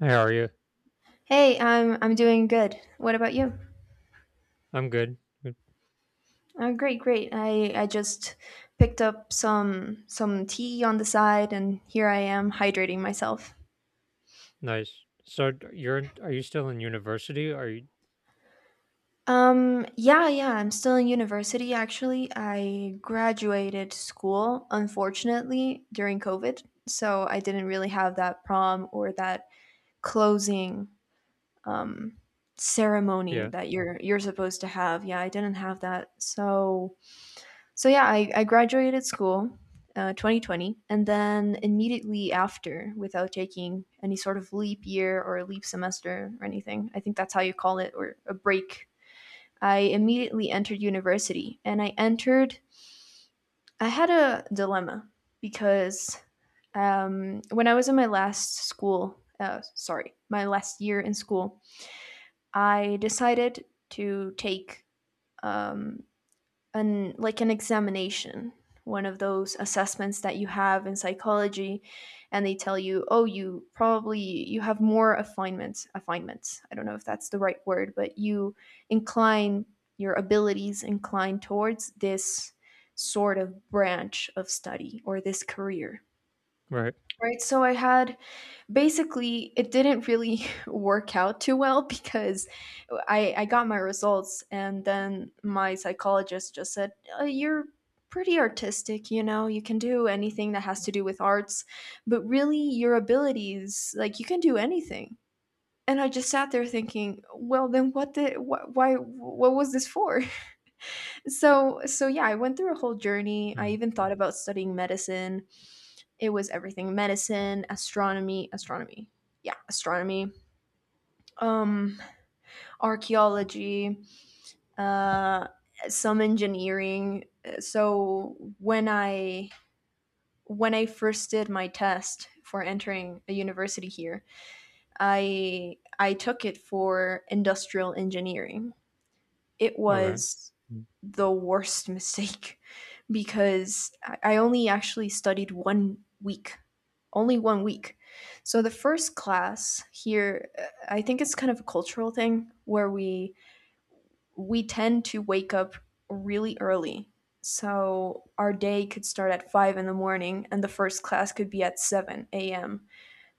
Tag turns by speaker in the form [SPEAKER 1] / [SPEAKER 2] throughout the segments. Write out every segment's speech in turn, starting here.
[SPEAKER 1] Hey, how are you?
[SPEAKER 2] Hey, I'm doing good. What about you?
[SPEAKER 1] I'm good. Good.
[SPEAKER 2] Great. I just picked up some tea on the side, and here I am hydrating myself.
[SPEAKER 1] Nice. So are you still in university? Are you?
[SPEAKER 2] Yeah. I'm still in university. Actually, I graduated school unfortunately during COVID, so I didn't really have that prom or that closing um ceremony
[SPEAKER 1] Yeah.
[SPEAKER 2] that you're supposed to have. Yeah, I didn't have that. So so yeah, I graduated school, 2020, and then immediately after, without taking any sort of leap year or a leap semester or anything, I think that's how you call it, or a break. I immediately entered university, and I entered. I had a dilemma because when I was in my last school, sorry, my last year in school, I decided to take um, an like an examination, one of those assessments that you have in psychology, and they tell you, oh, you probably, you have more affinements, affinements, I don't know if that's the right word, but you incline, your abilities incline towards this sort of branch of study or this career,
[SPEAKER 1] Right.
[SPEAKER 2] right? So I had, basically it didn't really work out too well because I got my results and then my psychologist just said, you're pretty artistic, you know, you can do anything that has to do with arts, but really your abilities, like you can do anything. And I just sat there thinking, well then what did why, what was this for? So yeah, I went through a whole journey. I
[SPEAKER 1] Mm.
[SPEAKER 2] even thought about studying medicine. It was everything. Medicine, astronomy, astronomy. Yeah, astronomy. Um archaeology, uh some engineering. So when I first did my test for entering a university here, I took it for industrial engineering. It
[SPEAKER 1] Okay.
[SPEAKER 2] was
[SPEAKER 1] Mm,
[SPEAKER 2] the worst mistake because only actually studied 1 week, only 1 week. So the first class here, I think it's kind of a cultural thing where we tend to wake up really early. So our day could start at five in the morning, and the first class could be at 7 a.m.,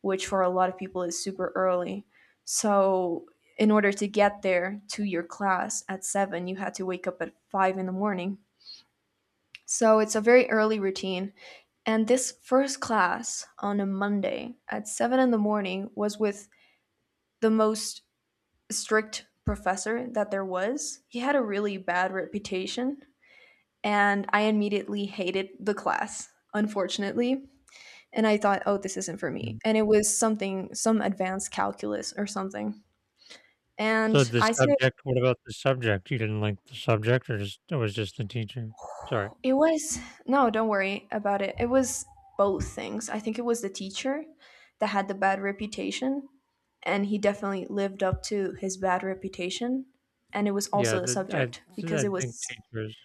[SPEAKER 2] which for a lot of people is super early. So, in order to get there to your class at seven, you had to wake up at five in the morning. So, it's a very early routine. And this first class on a Monday at seven in the morning was with the most strict professor that there was. He had a really bad reputation, and I immediately hated the class, unfortunately. And I thought, oh, this isn't for me.
[SPEAKER 1] mm.
[SPEAKER 2] And it was something, some advanced calculus or something.
[SPEAKER 1] So
[SPEAKER 2] And
[SPEAKER 1] the
[SPEAKER 2] I said,
[SPEAKER 1] subject. What about the subject? You didn't like the subject, or just it was just the teacher? Sorry.
[SPEAKER 2] it was, no, don't worry about it. It was both things. I think it was the teacher that had the bad reputation, and he definitely lived up to his bad reputation. And it was
[SPEAKER 1] Yeah.
[SPEAKER 2] also the
[SPEAKER 1] The I
[SPEAKER 2] subject because
[SPEAKER 1] I
[SPEAKER 2] it
[SPEAKER 1] think
[SPEAKER 2] was
[SPEAKER 1] teachers.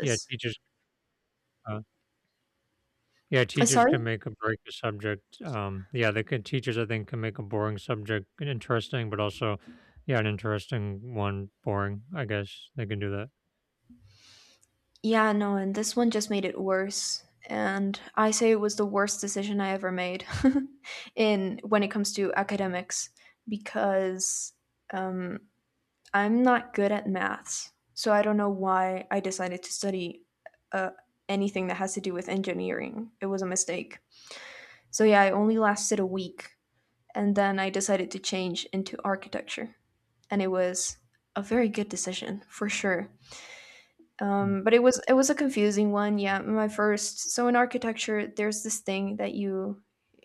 [SPEAKER 1] Yeah, teachers. Uh, yeah, teachers
[SPEAKER 2] Sorry?
[SPEAKER 1] can make a break a subject. Yeah, they can. Teachers, I think, can make a boring subject an interesting, but also, yeah, an interesting one boring. I guess they can do that.
[SPEAKER 2] Yeah, no, and this one just made it worse. And I say it was the worst decision I ever made in when it comes to academics because um, I'm not good at maths, so I don't know why I decided to study uh, anything that has to do with engineering. It was a mistake. So yeah, I only lasted a week, and then I decided to change into architecture, and it was a very good decision for sure.
[SPEAKER 1] Mm.
[SPEAKER 2] But it was a confusing one. Yeah, my first. So in architecture, there's this thing that you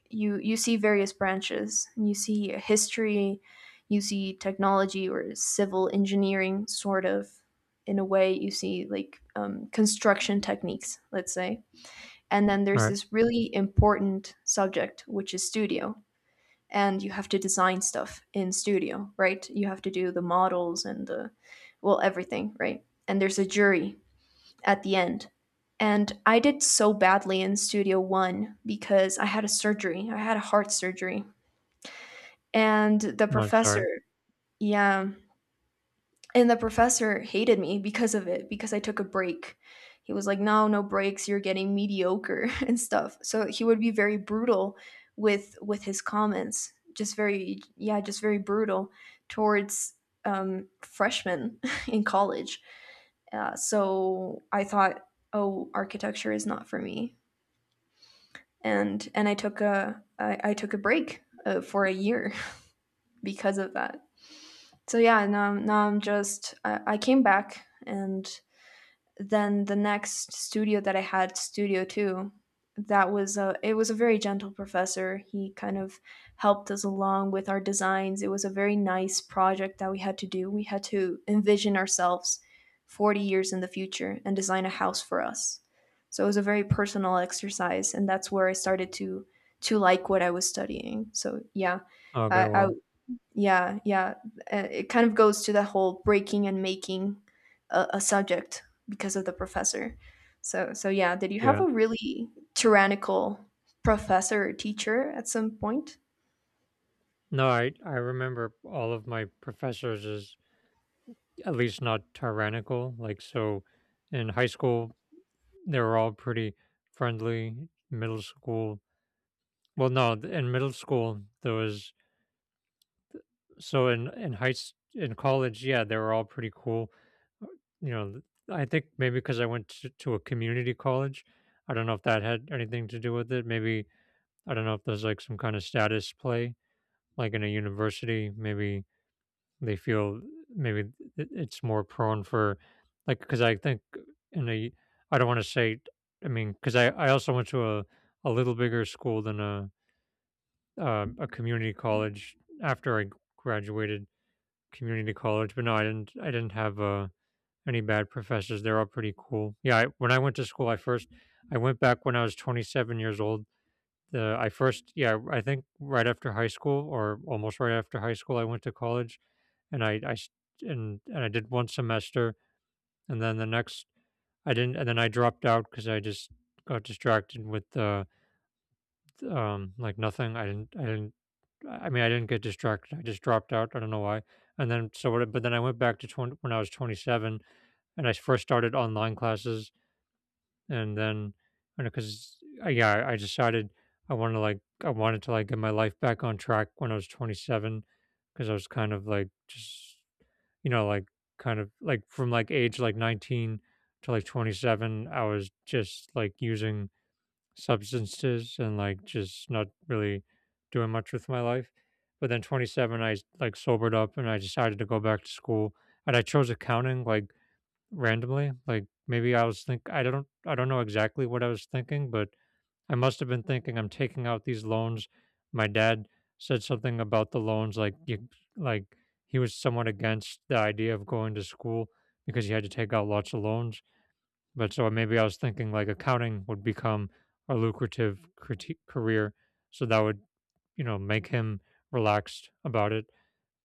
[SPEAKER 2] you you see various branches, you see history, you see technology or civil engineering, sort of in a way you see like construction techniques, let's say. And then
[SPEAKER 1] All
[SPEAKER 2] there's
[SPEAKER 1] right.
[SPEAKER 2] this really important subject which is studio, and you have to design stuff in studio, right? You have to do the models and the, well, everything, right? And there's a jury at the end. And I did so badly in Studio One because I had a surgery. I had a heart surgery. And the
[SPEAKER 1] No,
[SPEAKER 2] professor,
[SPEAKER 1] sorry.
[SPEAKER 2] yeah, and the professor hated me because of it because I took a break. He was like, "No, no breaks. You're getting mediocre and stuff." So he would be very brutal with his comments. Just very, yeah, just very brutal towards freshmen in college. So I thought, "Oh, architecture is not for me." And I took a I took a break for a year because of that. So yeah, now I'm just I came back and then the next studio that I had, Studio Two, that was a, it was a very gentle professor. He kind of helped us along with our designs. It was a very nice project that we had to do. We had to envision ourselves 40 years in the future and design a house for us. So it was a very personal exercise, and that's where I started to like what I was studying. So yeah,
[SPEAKER 1] Oh, okay,
[SPEAKER 2] I
[SPEAKER 1] well,
[SPEAKER 2] yeah, yeah. It kind of goes to the whole breaking and making a subject because of the professor. So, so yeah. Did you have
[SPEAKER 1] yeah.
[SPEAKER 2] a really tyrannical professor or teacher at some point?
[SPEAKER 1] No, I remember all of my professors as at least not tyrannical. Like, so in high school they were all pretty friendly. Middle school, well, no, in middle school there was, so in in college, yeah, they were all pretty cool. Uh, you know, I think maybe because I went to a community college, I don't know if that had anything to do with it. Maybe I don't know if there's like some kind of status play, like in a university, maybe they feel, maybe it's more prone for, like, because I think in a, I don't want to say, I mean because I also went to a little bigger school than a, a community college after I graduated community college. But no, I didn't have any bad professors. They're all pretty cool. Yeah, when I went to school, I went back when I was 27 years old. The I first Yeah, I think right after high school or almost right after high school I went to college, and and I did one semester, and then the next I didn't, and then I dropped out because I just got distracted with, like, nothing. I didn't I mean, I didn't get distracted. I just dropped out. I don't know why. And then, so what? But then I went back to 20, when I was 27, and I first started online classes. And then, because yeah, I decided I wanted to, like, get my life back on track when I was 27. Because I was kind of like just, like, kind of like, from like age like 19 to like 27, I was just like using substances and like just not really doing much with my life. But then 27, I like sobered up and I decided to go back to school, and I chose accounting, like, randomly. Like, maybe I was think I don't know exactly what I was thinking, but I must have been thinking I'm taking out these loans. My dad said something about the loans, like, you, like, he was somewhat against the idea of going to school because you had to take out lots of loans. But, so maybe I was thinking, like, accounting would become a lucrative, career, so that would, make him relaxed about it.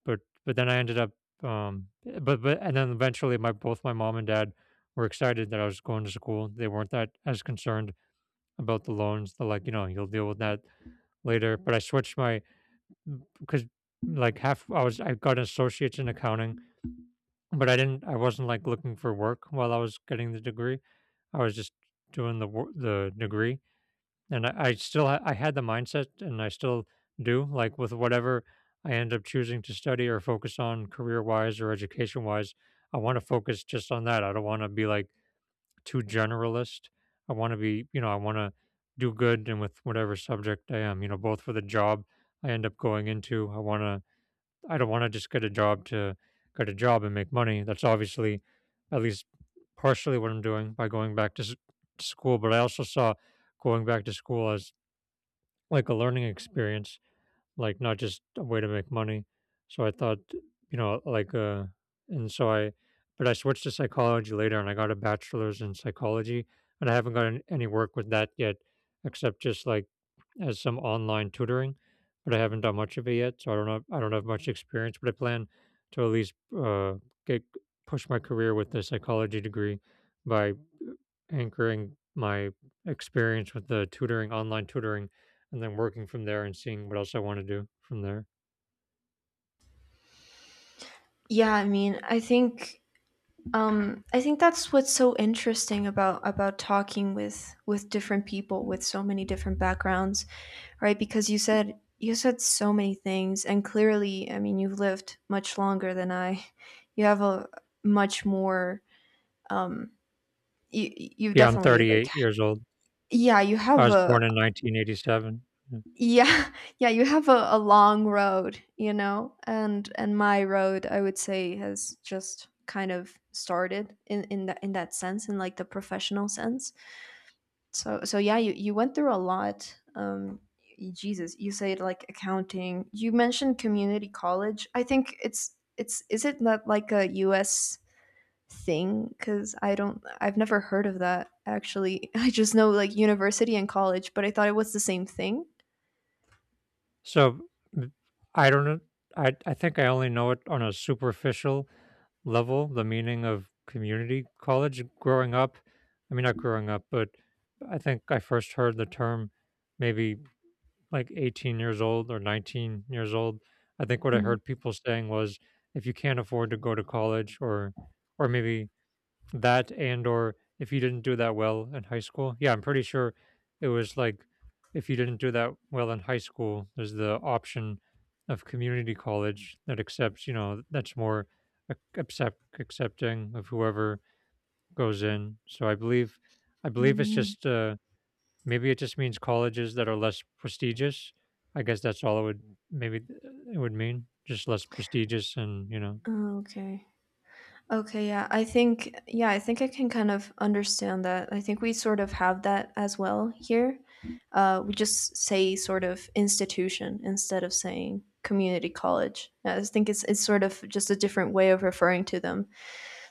[SPEAKER 1] But but then I ended up, but and then eventually, my both my mom and dad were excited that I was going to school. They weren't that as concerned about the loans. They're like, you know, you'll deal with that later. But I switched my, because like half, I got an associate's in accounting, but I wasn't like looking for work while I was getting the degree. I was just doing the degree, and I had the mindset, and I still do, like, with whatever I end up choosing to study or focus on career wise or education wise. I want to focus just on that. I don't want to be like too generalist. I want to do good and with whatever subject I am, you know, both for the job I end up going into. I don't want to just get a job to get a job and make money. That's obviously, at least partially, what I'm doing by going back to school. But I also saw going back to school as like a learning experience, like, not just a way to make money. So I thought, you know, like, and so I, but I switched to psychology later and I got a bachelor's in psychology, and I haven't gotten any work with that yet, except just like as some online tutoring. But I haven't done much of it yet. So I don't know, I don't have much experience, but I plan to, at least, get, push my career with the psychology degree by anchoring my experience with the tutoring, online tutoring, and then working from there and seeing what else I want to do from there.
[SPEAKER 2] Yeah, I mean, I think that's what's so interesting about about talking with different people with so many different backgrounds, right? Because you said so many things, and clearly, I mean, you've lived much longer than I. You have a much more um you you
[SPEAKER 1] Yeah, I'm
[SPEAKER 2] definitely like
[SPEAKER 1] 38 years old.
[SPEAKER 2] yeah, you
[SPEAKER 1] I
[SPEAKER 2] have
[SPEAKER 1] was
[SPEAKER 2] a,
[SPEAKER 1] born in 1987. Yeah.
[SPEAKER 2] yeah, yeah, you have a long road, you know, and my road, I would say, has just kind of started in that, in that sense, in like the professional sense. So so yeah, you went through a lot. Jesus, you said like accounting, you mentioned community college. I think it's, is it not like a U S thing? Because I don't, I've never heard of that actually. I just know like university and college, but I thought it was the same thing.
[SPEAKER 1] So, m- I don't know. I think I only know it on a superficial level, the meaning of community college growing up. I mean, not growing up, but I think I first heard the term maybe like 18 years old or 19 years old. I think what I
[SPEAKER 2] Mm.
[SPEAKER 1] heard people saying was, if you can't afford to go to college, or maybe that, and or if you didn't do that well in high school. Yeah, I'm pretty sure it was like, if you didn't do that well in high school, there's the option of community college that accepts, that's more accepting of whoever goes in. So I believe it's
[SPEAKER 2] Mm.
[SPEAKER 1] just, maybe it just means colleges that are less prestigious. I guess that's all it would, maybe, it would mean, just less prestigious, and.
[SPEAKER 2] Oh, okay. Okay, yeah. I think, yeah, I think I can kind of understand that. I think we sort of have that as well here. We just say sort of institution instead of saying community college. I just think it's sort of just a different way of referring to them.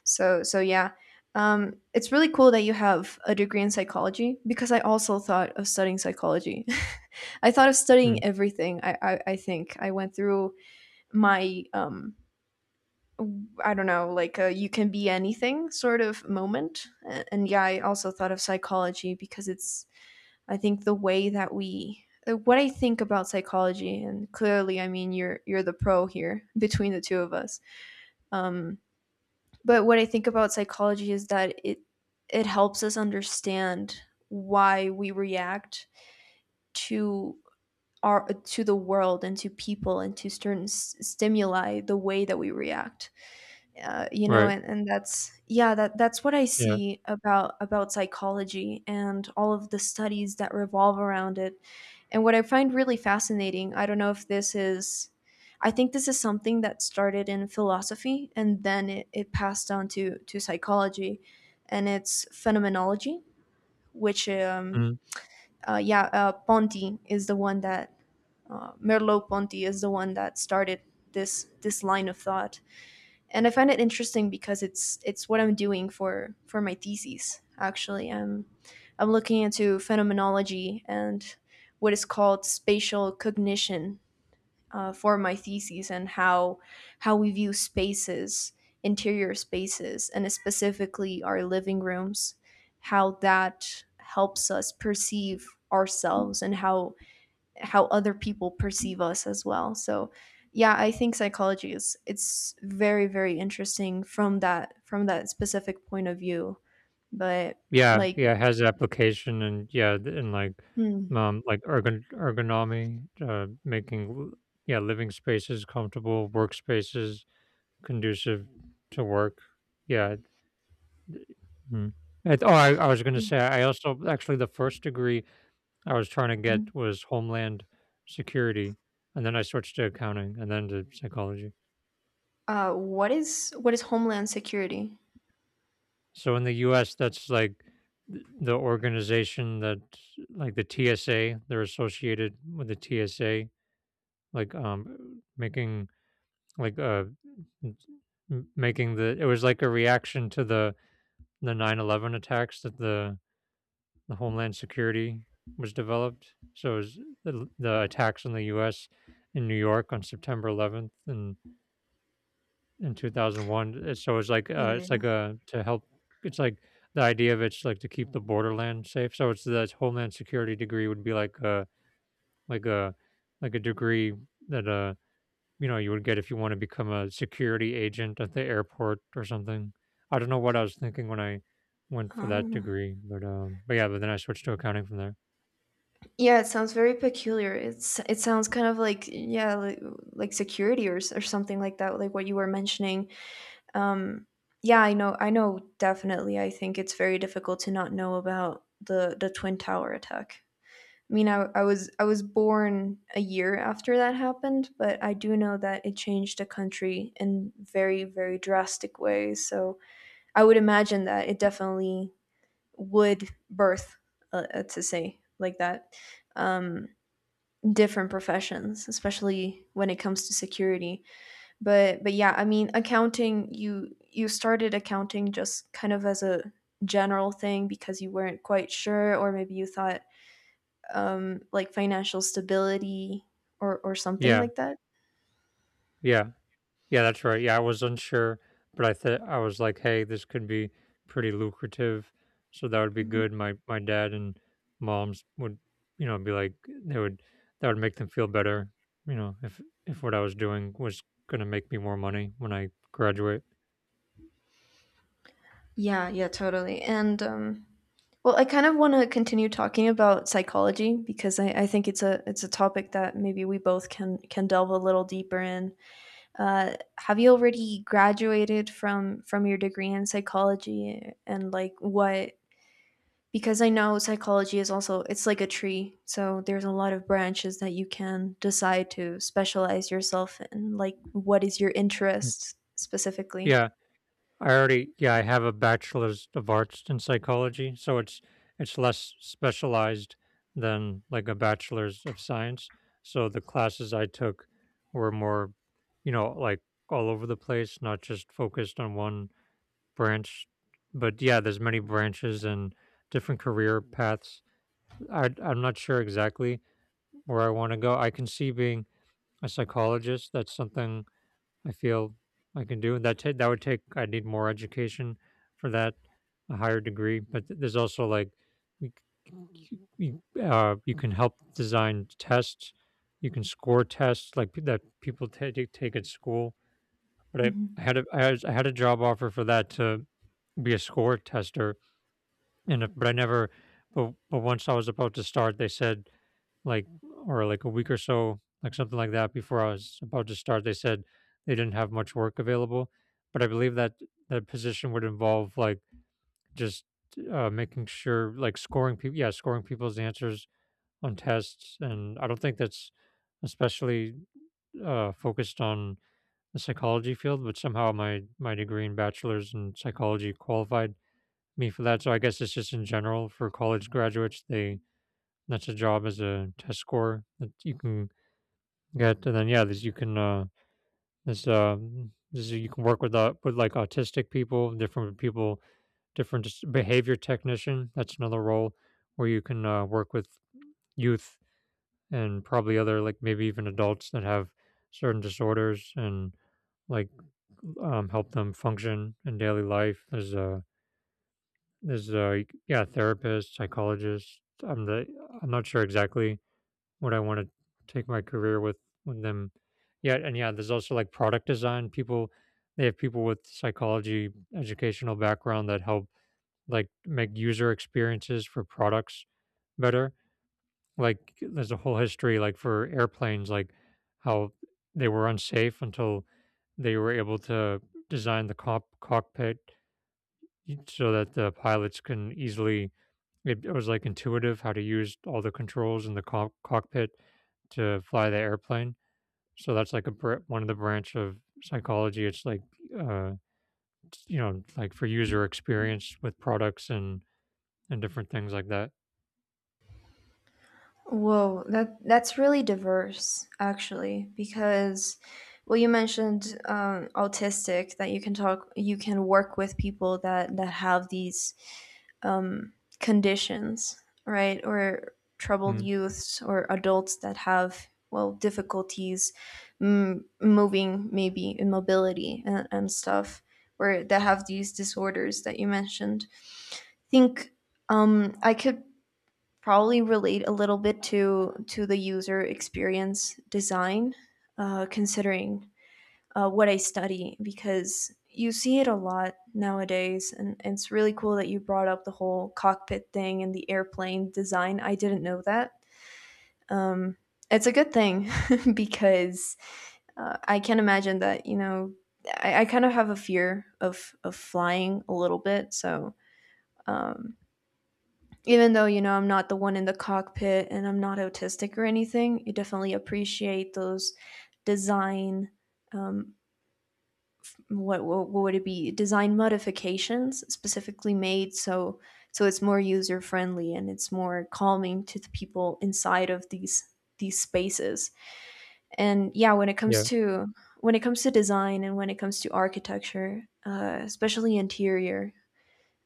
[SPEAKER 2] So so yeah, it's really cool that you have a degree in psychology because I also thought of studying psychology. I thought of
[SPEAKER 1] Mm,
[SPEAKER 2] studying everything. I think I went through my I don't know, like a you can be anything sort of moment, and yeah, I also thought of psychology because it's, I think the way that we what I think about psychology, and clearly, I mean, you're the pro here between the two of us. Um, but what I think about psychology is that it helps us understand why we react to our, to the world and to people and to certain stimuli the way that we react, you know,
[SPEAKER 1] right.
[SPEAKER 2] and that's, yeah, that's what I
[SPEAKER 1] Yeah.
[SPEAKER 2] see about psychology and all of the studies that revolve around it. And what I find really fascinating, I don't know if this is, I think this is something that started in philosophy and then it passed on to psychology, and it's phenomenology, which
[SPEAKER 1] Mm.
[SPEAKER 2] yeah, ponti is the one that, Merleau Ponti is the one that started this this line of thought. And I find it interesting because it's what I'm doing for my thesis. Actually, I'm looking into phenomenology and what is called spatial cognition, for my thesis, and how we view spaces, interior spaces, and specifically our living rooms, how that helps us perceive ourselves and how other people perceive us as well. So yeah, I think psychology is, it's very very interesting from that, from that specific point of view. But
[SPEAKER 1] Yeah,
[SPEAKER 2] like,
[SPEAKER 1] yeah, it has application. And, yeah, and like,
[SPEAKER 2] hmm,
[SPEAKER 1] ergonomy, making, yeah, living spaces comfortable, workspaces conducive to work. Yeah. th- mhm. Oh, I was gonna
[SPEAKER 2] yeah,
[SPEAKER 1] say, I also actually, the first degree I was trying to
[SPEAKER 2] mhm.
[SPEAKER 1] get was homeland security, and then I switched to accounting and then to psychology.
[SPEAKER 2] What is what is homeland security?
[SPEAKER 1] So in the US, that's like the organization that, like, the TSA. They're associated with the TSA, like, making, like, m- making the it was like a reaction to the 9/11 attacks, that the Homeland Security was developed. So it was the attacks in the U.S. in New York on September 11th and in 2001. So it's like, it's
[SPEAKER 2] Yeah.
[SPEAKER 1] like a, to help. It's like the idea of, it's like, to keep the borderland safe. So it's, the Homeland Security degree would be like like a a degree that, you would get if you want to become a security agent at the airport or something. I don't know what I was thinking when I went for that
[SPEAKER 2] Oh.
[SPEAKER 1] degree, but, but then I switched to accounting from there.
[SPEAKER 2] Yeah, it sounds very peculiar. It's it sounds kind of like, yeah, like security or or something like that, like what you were mentioning. Um, yeah, I know, definitely. I think it's very difficult to not know about the Twin Tower attack. I mean, I was I was born a year after that happened, but I do know that it changed the country in very very drastic ways. So I would imagine that it definitely would birth, to say like that, um, different professions, especially when it comes to security. But yeah, I mean, accounting, you started accounting just kind of as a general thing because you weren't quite sure, or maybe you thought like financial stability or something
[SPEAKER 1] Yeah,
[SPEAKER 2] like that.
[SPEAKER 1] yeah. Yeah, that's right. Yeah, I was unsure, but I thought, I was like, "Hey, this could be pretty lucrative, so that would be
[SPEAKER 2] Mhm.
[SPEAKER 1] good." My dad and moms would, be like, they would that would make them feel better, you know, if if what I was doing was gonna make me more money when I graduate.
[SPEAKER 2] Yeah, yeah, totally. And well, I kind of want to continue talking about psychology because I think it's a topic that maybe we both can delve a little deeper in. Have you already graduated from your degree in psychology, and like what because I know psychology is also it's like a tree, so there's a lot of branches that you can decide to specialize yourself in. Like what is your
[SPEAKER 1] Mm.
[SPEAKER 2] interest specifically?
[SPEAKER 1] Yeah, I have a bachelor's of arts in psychology, so it's less specialized than like a bachelor's of science. So the classes I took were more, like, all over the place, not just focused on one branch. But yeah, there's many branches and different career paths. I'm not sure exactly where I want to go. I can see being a psychologist. That's something I feel I can do. And that would take, I need more education for that, a higher degree. But there's also, like, we, you can help design tests. You can score tests, like, that people take at school. But
[SPEAKER 2] Mhm.
[SPEAKER 1] I had a job offer for that, to be a score tester, and, but I never. But once I was about to start, they said, like, or like a week or so, like something like that, before I was about to start, they said they didn't have much work available. But I believe that position would involve, like, just, making sure, like, scoring people, yeah, scoring people's answers on tests. And I don't think that's especially, focused on the psychology field, but somehow my degree in bachelor's in psychology qualified me for that. So I guess it's just in general for college graduates, they that's a job as a test scorer that you can. Good, and then yeah, this you can this this you can work with like autistic people, different people, behavior technician. That's another role where you can work with youth, and probably other, like maybe even adults that have certain disorders and like help them function in daily life. There's a yeah, therapist, psychologist. I'm not sure exactly what I want to take my career with them. Yeah, and yeah, there's also like product design. People They have people with psychology educational background that help like make user experiences for products better. Like there's a whole history, like for airplanes, like how they were unsafe until they were able to design the cockpit so that the pilots can easily, it was like intuitive how to use all the controls in the cockpit to fly the airplane. So that's like one of the branch of psychology. It's like uh, it's, you know, like for user experience with products and different things like that.
[SPEAKER 2] Whoa, that that's really diverse actually. Because well, you mentioned autistic, that you can work with people that have these um, conditions, right? Or troubled
[SPEAKER 1] Mm.
[SPEAKER 2] youths or adults that have, well, difficulties moving, maybe in mobility and stuff, or that have these disorders that you mentioned. I think I could probably relate a little bit to the user experience design, considering what I study, because you see it a lot nowadays, and it's really cool that you brought up the whole cockpit thing and the airplane design. I didn't know that. Um, it's a good thing because I can imagine that, you know, I kind of have a fear of flying a little bit, so. Um, Even though, you know, I'm not the one in the cockpit and I'm not autistic or anything, you definitely appreciate those design um, what what would it be, design modifications specifically made so it's more user friendly and it's more calming to the people inside of these spaces and yeah, when it comes
[SPEAKER 1] Yeah,
[SPEAKER 2] to design and when it comes to architecture, especially interior,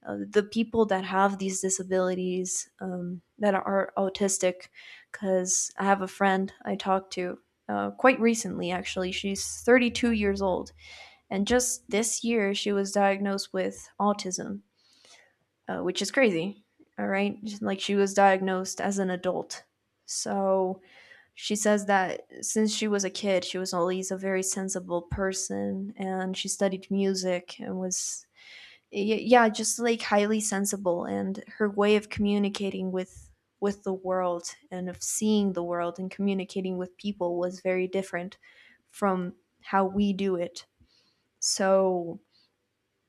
[SPEAKER 2] the people that have these disabilities, that are autistic. Because I have a friend I talked to, quite recently actually, she's 32 years old, and just this year she was diagnosed with autism, which is crazy. All right, like she was diagnosed as an adult. So she says that since she was a kid, she was always a very sensible person and she studied music and was, yeah, just like highly sensible. And her way of communicating with the world and of seeing the world and communicating with people was very different from how we do it. So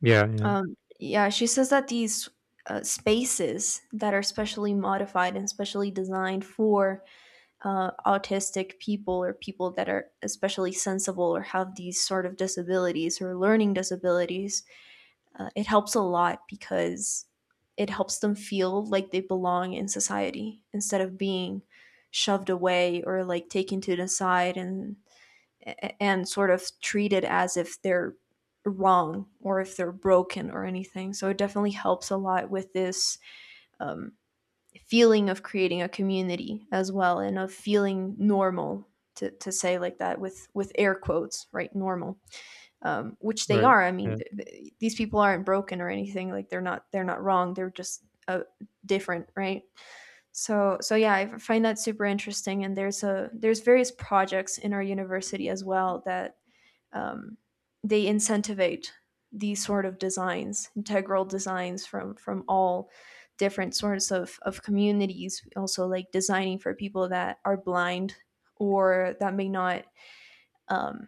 [SPEAKER 1] yeah, yeah.
[SPEAKER 2] Yeah, she says that these spaces that are specially modified and specially designed for autistic people, or people that are especially sensible or have these sort of disabilities or learning disabilities, it helps a lot, because it helps them feel like they belong in society instead of being shoved away or like taken to the side and sort of treated as if they're wrong or if they're broken or anything. So it definitely helps a lot with this um, feeling of creating a community as well, and of feeling normal, to say like that, with air quotes, right? Normal, which they
[SPEAKER 1] Right.
[SPEAKER 2] are. I mean,
[SPEAKER 1] Yeah.
[SPEAKER 2] these people aren't broken or anything, like they're not wrong they're just different, right? So yeah I find that super interesting. And there's a there's various projects in our university as well that um, they incentivate these sort of designs, integral designs from all different sorts of communities. Also, like designing for people that are blind or that may not um,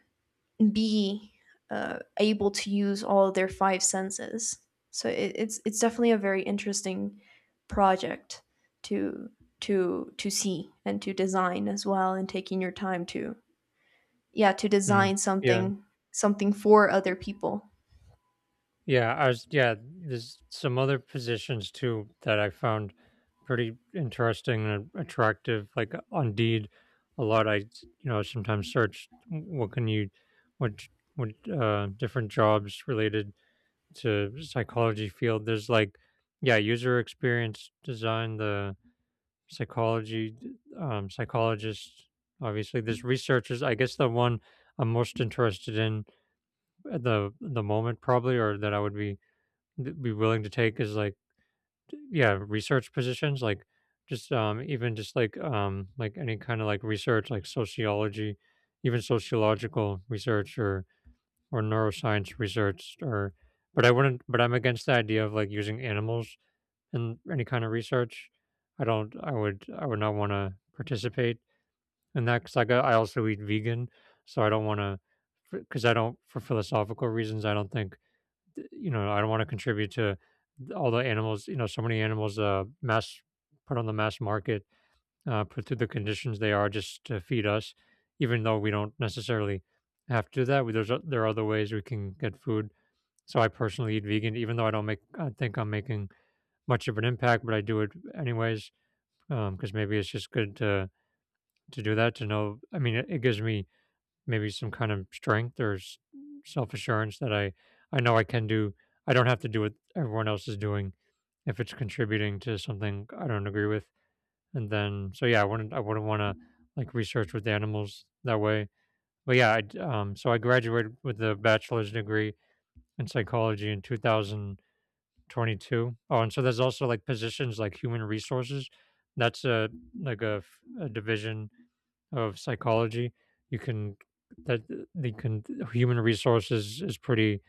[SPEAKER 2] be able to use all of their five senses. So it, it's definitely a very interesting project to see and to design as well, and taking your time to yeah to
[SPEAKER 1] Mm.
[SPEAKER 2] design
[SPEAKER 1] Yeah.
[SPEAKER 2] something, something for other
[SPEAKER 1] Y-
[SPEAKER 2] people.
[SPEAKER 1] Yeah. I was. Yeah. There's some other positions too that I found pretty interesting and attractive. Like on Indeed, a lot. I, you know, sometimes search what can you what j- what different jobs related to psychology field. There's like, yeah, user experience design, the psychology psychologist, obviously. There's researchers. I guess the one I'm most interested in at the moment, probably, or that I would be willing to take is like, yeah, research positions, like just even just like any kind of like research, like sociology, even sociological research, or neuroscience research, or but I wouldn't, but I'm against the idea of like using animals in any kind of research. I would not want to participate in that, cuz like I also eat vegan, so I don't want to, cuz I don't, for philosophical reasons, I don't think, you know, I don't want to contribute to all the animals. You know, so many animals mass put on the mass market, put through the conditions they are, just to feed us, even though we don't necessarily have to do that. There's there are other ways we can get food. So I personally eat vegan, even though I don't make, I think I'm making much of an impact, but I do it anyways because maybe it's just good to do that, to know. I mean, it gives me maybe some kind of strength or self assurance that I know I can do. I don't have to do what everyone else is doing if it's contributing to something I don't agree with. And then so yeah, I wouldn't want to like research with animals that way. But yeah, I, so I graduated with a bachelor's degree in psychology in 2000 22. Oh, and so there's also like positions like human resources. That's a like a, a division of psychology. You can that they can Human resources is pretty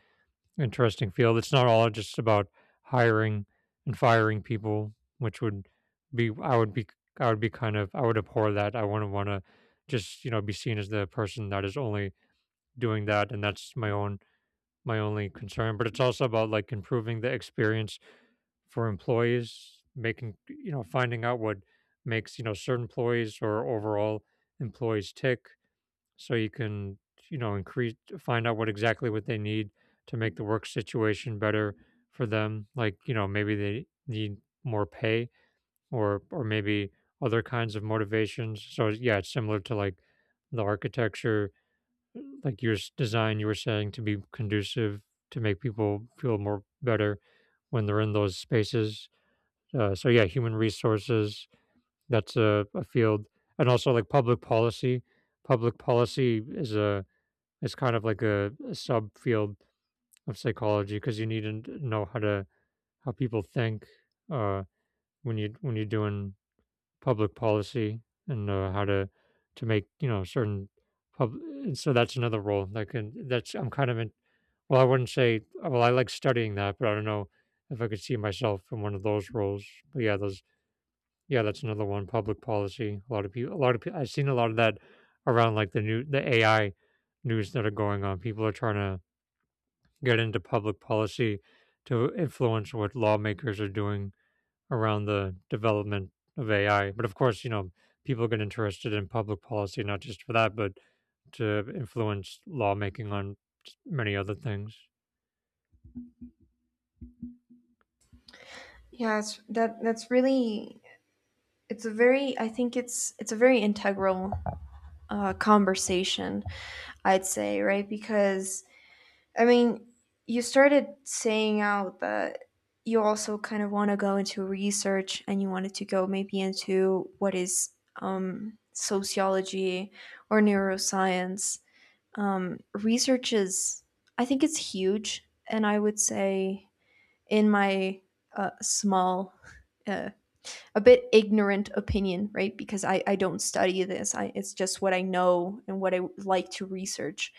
[SPEAKER 1] interesting field. It's not all just about hiring and firing people, which would be I would be I would be kind of, I would abhor that. I wouldn't want to just, you know, be seen as the person that is only doing that, and that's my only concern. But it's also about like improving the experience for employees, making, you know, finding out what makes, you know, certain employees or overall employees tick, so you can, you know, increase, find out what exactly what they need to make the work situation better for them. Like, you know, maybe they need more pay, or maybe other kinds of motivations. So yeah, it's similar to like the architecture, like your design you were saying, to be conducive to make people feel more better when they're in those spaces. So yeah, human resources, that's a field. And also like public policy. Public policy is a, is kind of like a subfield of psychology, because you need to know how to, how people think uh, when you when you're doing public policy, and how to make, you know, certain pub. And so that's another role. Like, and that's I'm kind of in. Well, I wouldn't say. Well, I like studying that, but I don't know if I could see myself in one of those roles. But yeah, those. Yeah, that's another one, public policy. A lot of people, a lot of people, I've seen a lot of that around like the new, the AI news that are going on. People are trying to get into public policy to influence what lawmakers are doing around the development of AI. But of course, you know, people get interested in public policy not just for that, but to influence lawmaking on many other things.
[SPEAKER 2] Yeah, it's, that that's really, it's a very, I think it's a very integral conversation, I'd say, right? Because I mean, you started saying out that you also kind of want to go into research, and you wanted to go maybe into what is sociology or neuroscience research. Is, I think it's huge, and I would say in my small, uh, a bit ignorant opinion, right? Because I don't study this. I, it's just what I know and what I like to research,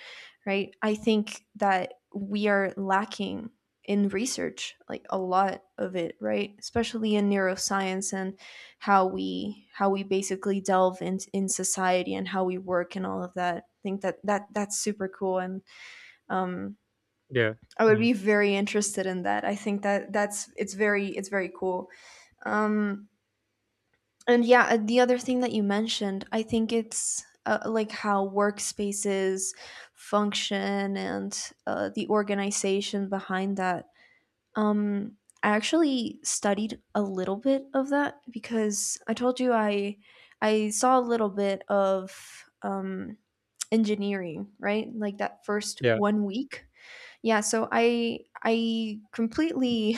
[SPEAKER 2] right? I think that we are lacking in research, like a lot of it, right? Especially in neuroscience, and how we basically delve in society and how we work and all of that. I think that that's super cool, and um,
[SPEAKER 1] Yeah.
[SPEAKER 2] I would
[SPEAKER 1] Yeah.
[SPEAKER 2] be very interested in that. I think that that's it's very cool. Um, and yeah, the other thing that you mentioned, I think it's like how workspaces function, and the organization behind that. Um, I actually studied a little bit of that because I told you I saw a little bit of um, engineering, right? Like that first
[SPEAKER 1] Yeah.
[SPEAKER 2] 1 week. Yeah, so I completely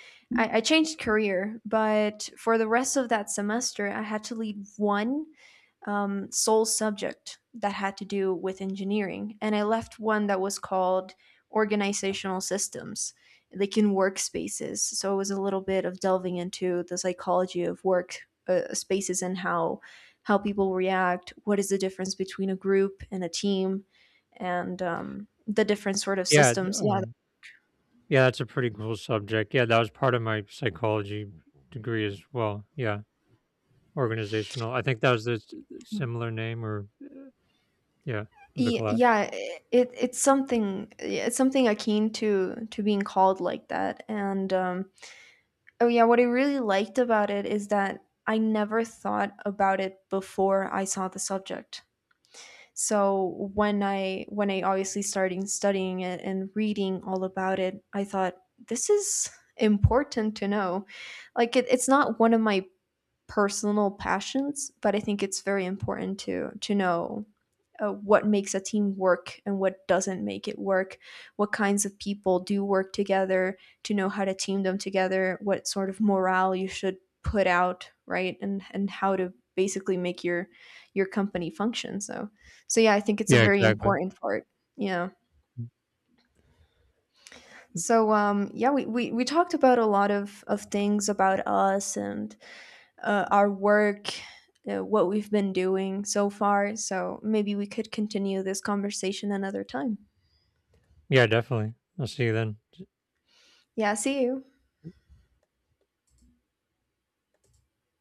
[SPEAKER 2] I changed career, but for the rest of that semester, I had to lead one sole subject that had to do with engineering, and I left one that was called organizational systems, like in workspaces. So it was a little bit of delving into the psychology of work spaces, and how people react. What is the difference between a group and a team, and the different sort of
[SPEAKER 1] Yeah.
[SPEAKER 2] systems. Yeah,
[SPEAKER 1] Yeah, that's a pretty cool subject. Yeah, that was part of my psychology degree as well. Yeah, organizational. I think that was the similar name, or yeah, of the class.
[SPEAKER 2] Yeah, it it's something akin to being called like that. And oh yeah, what I really liked about it is that I never thought about it before I saw the subject. So when I, obviously started studying it and reading all about it, I thought, this is important to know. Like it, it's not one of my personal passions, but I think it's very important to know what makes a team work and what doesn't make it work, what kinds of people do work together, to know how to team them together, what sort of morale you should put out, right, and how to basically make your company function. So yeah, I think it's a
[SPEAKER 1] Yeah,
[SPEAKER 2] very
[SPEAKER 1] exactly.
[SPEAKER 2] important part. Yeah. So yeah, we talked about a lot of things about us and our work. What we've been doing so far. So maybe we could continue this conversation another time.
[SPEAKER 1] Yeah, definitely. I'll see you then.
[SPEAKER 2] Yeah, see you.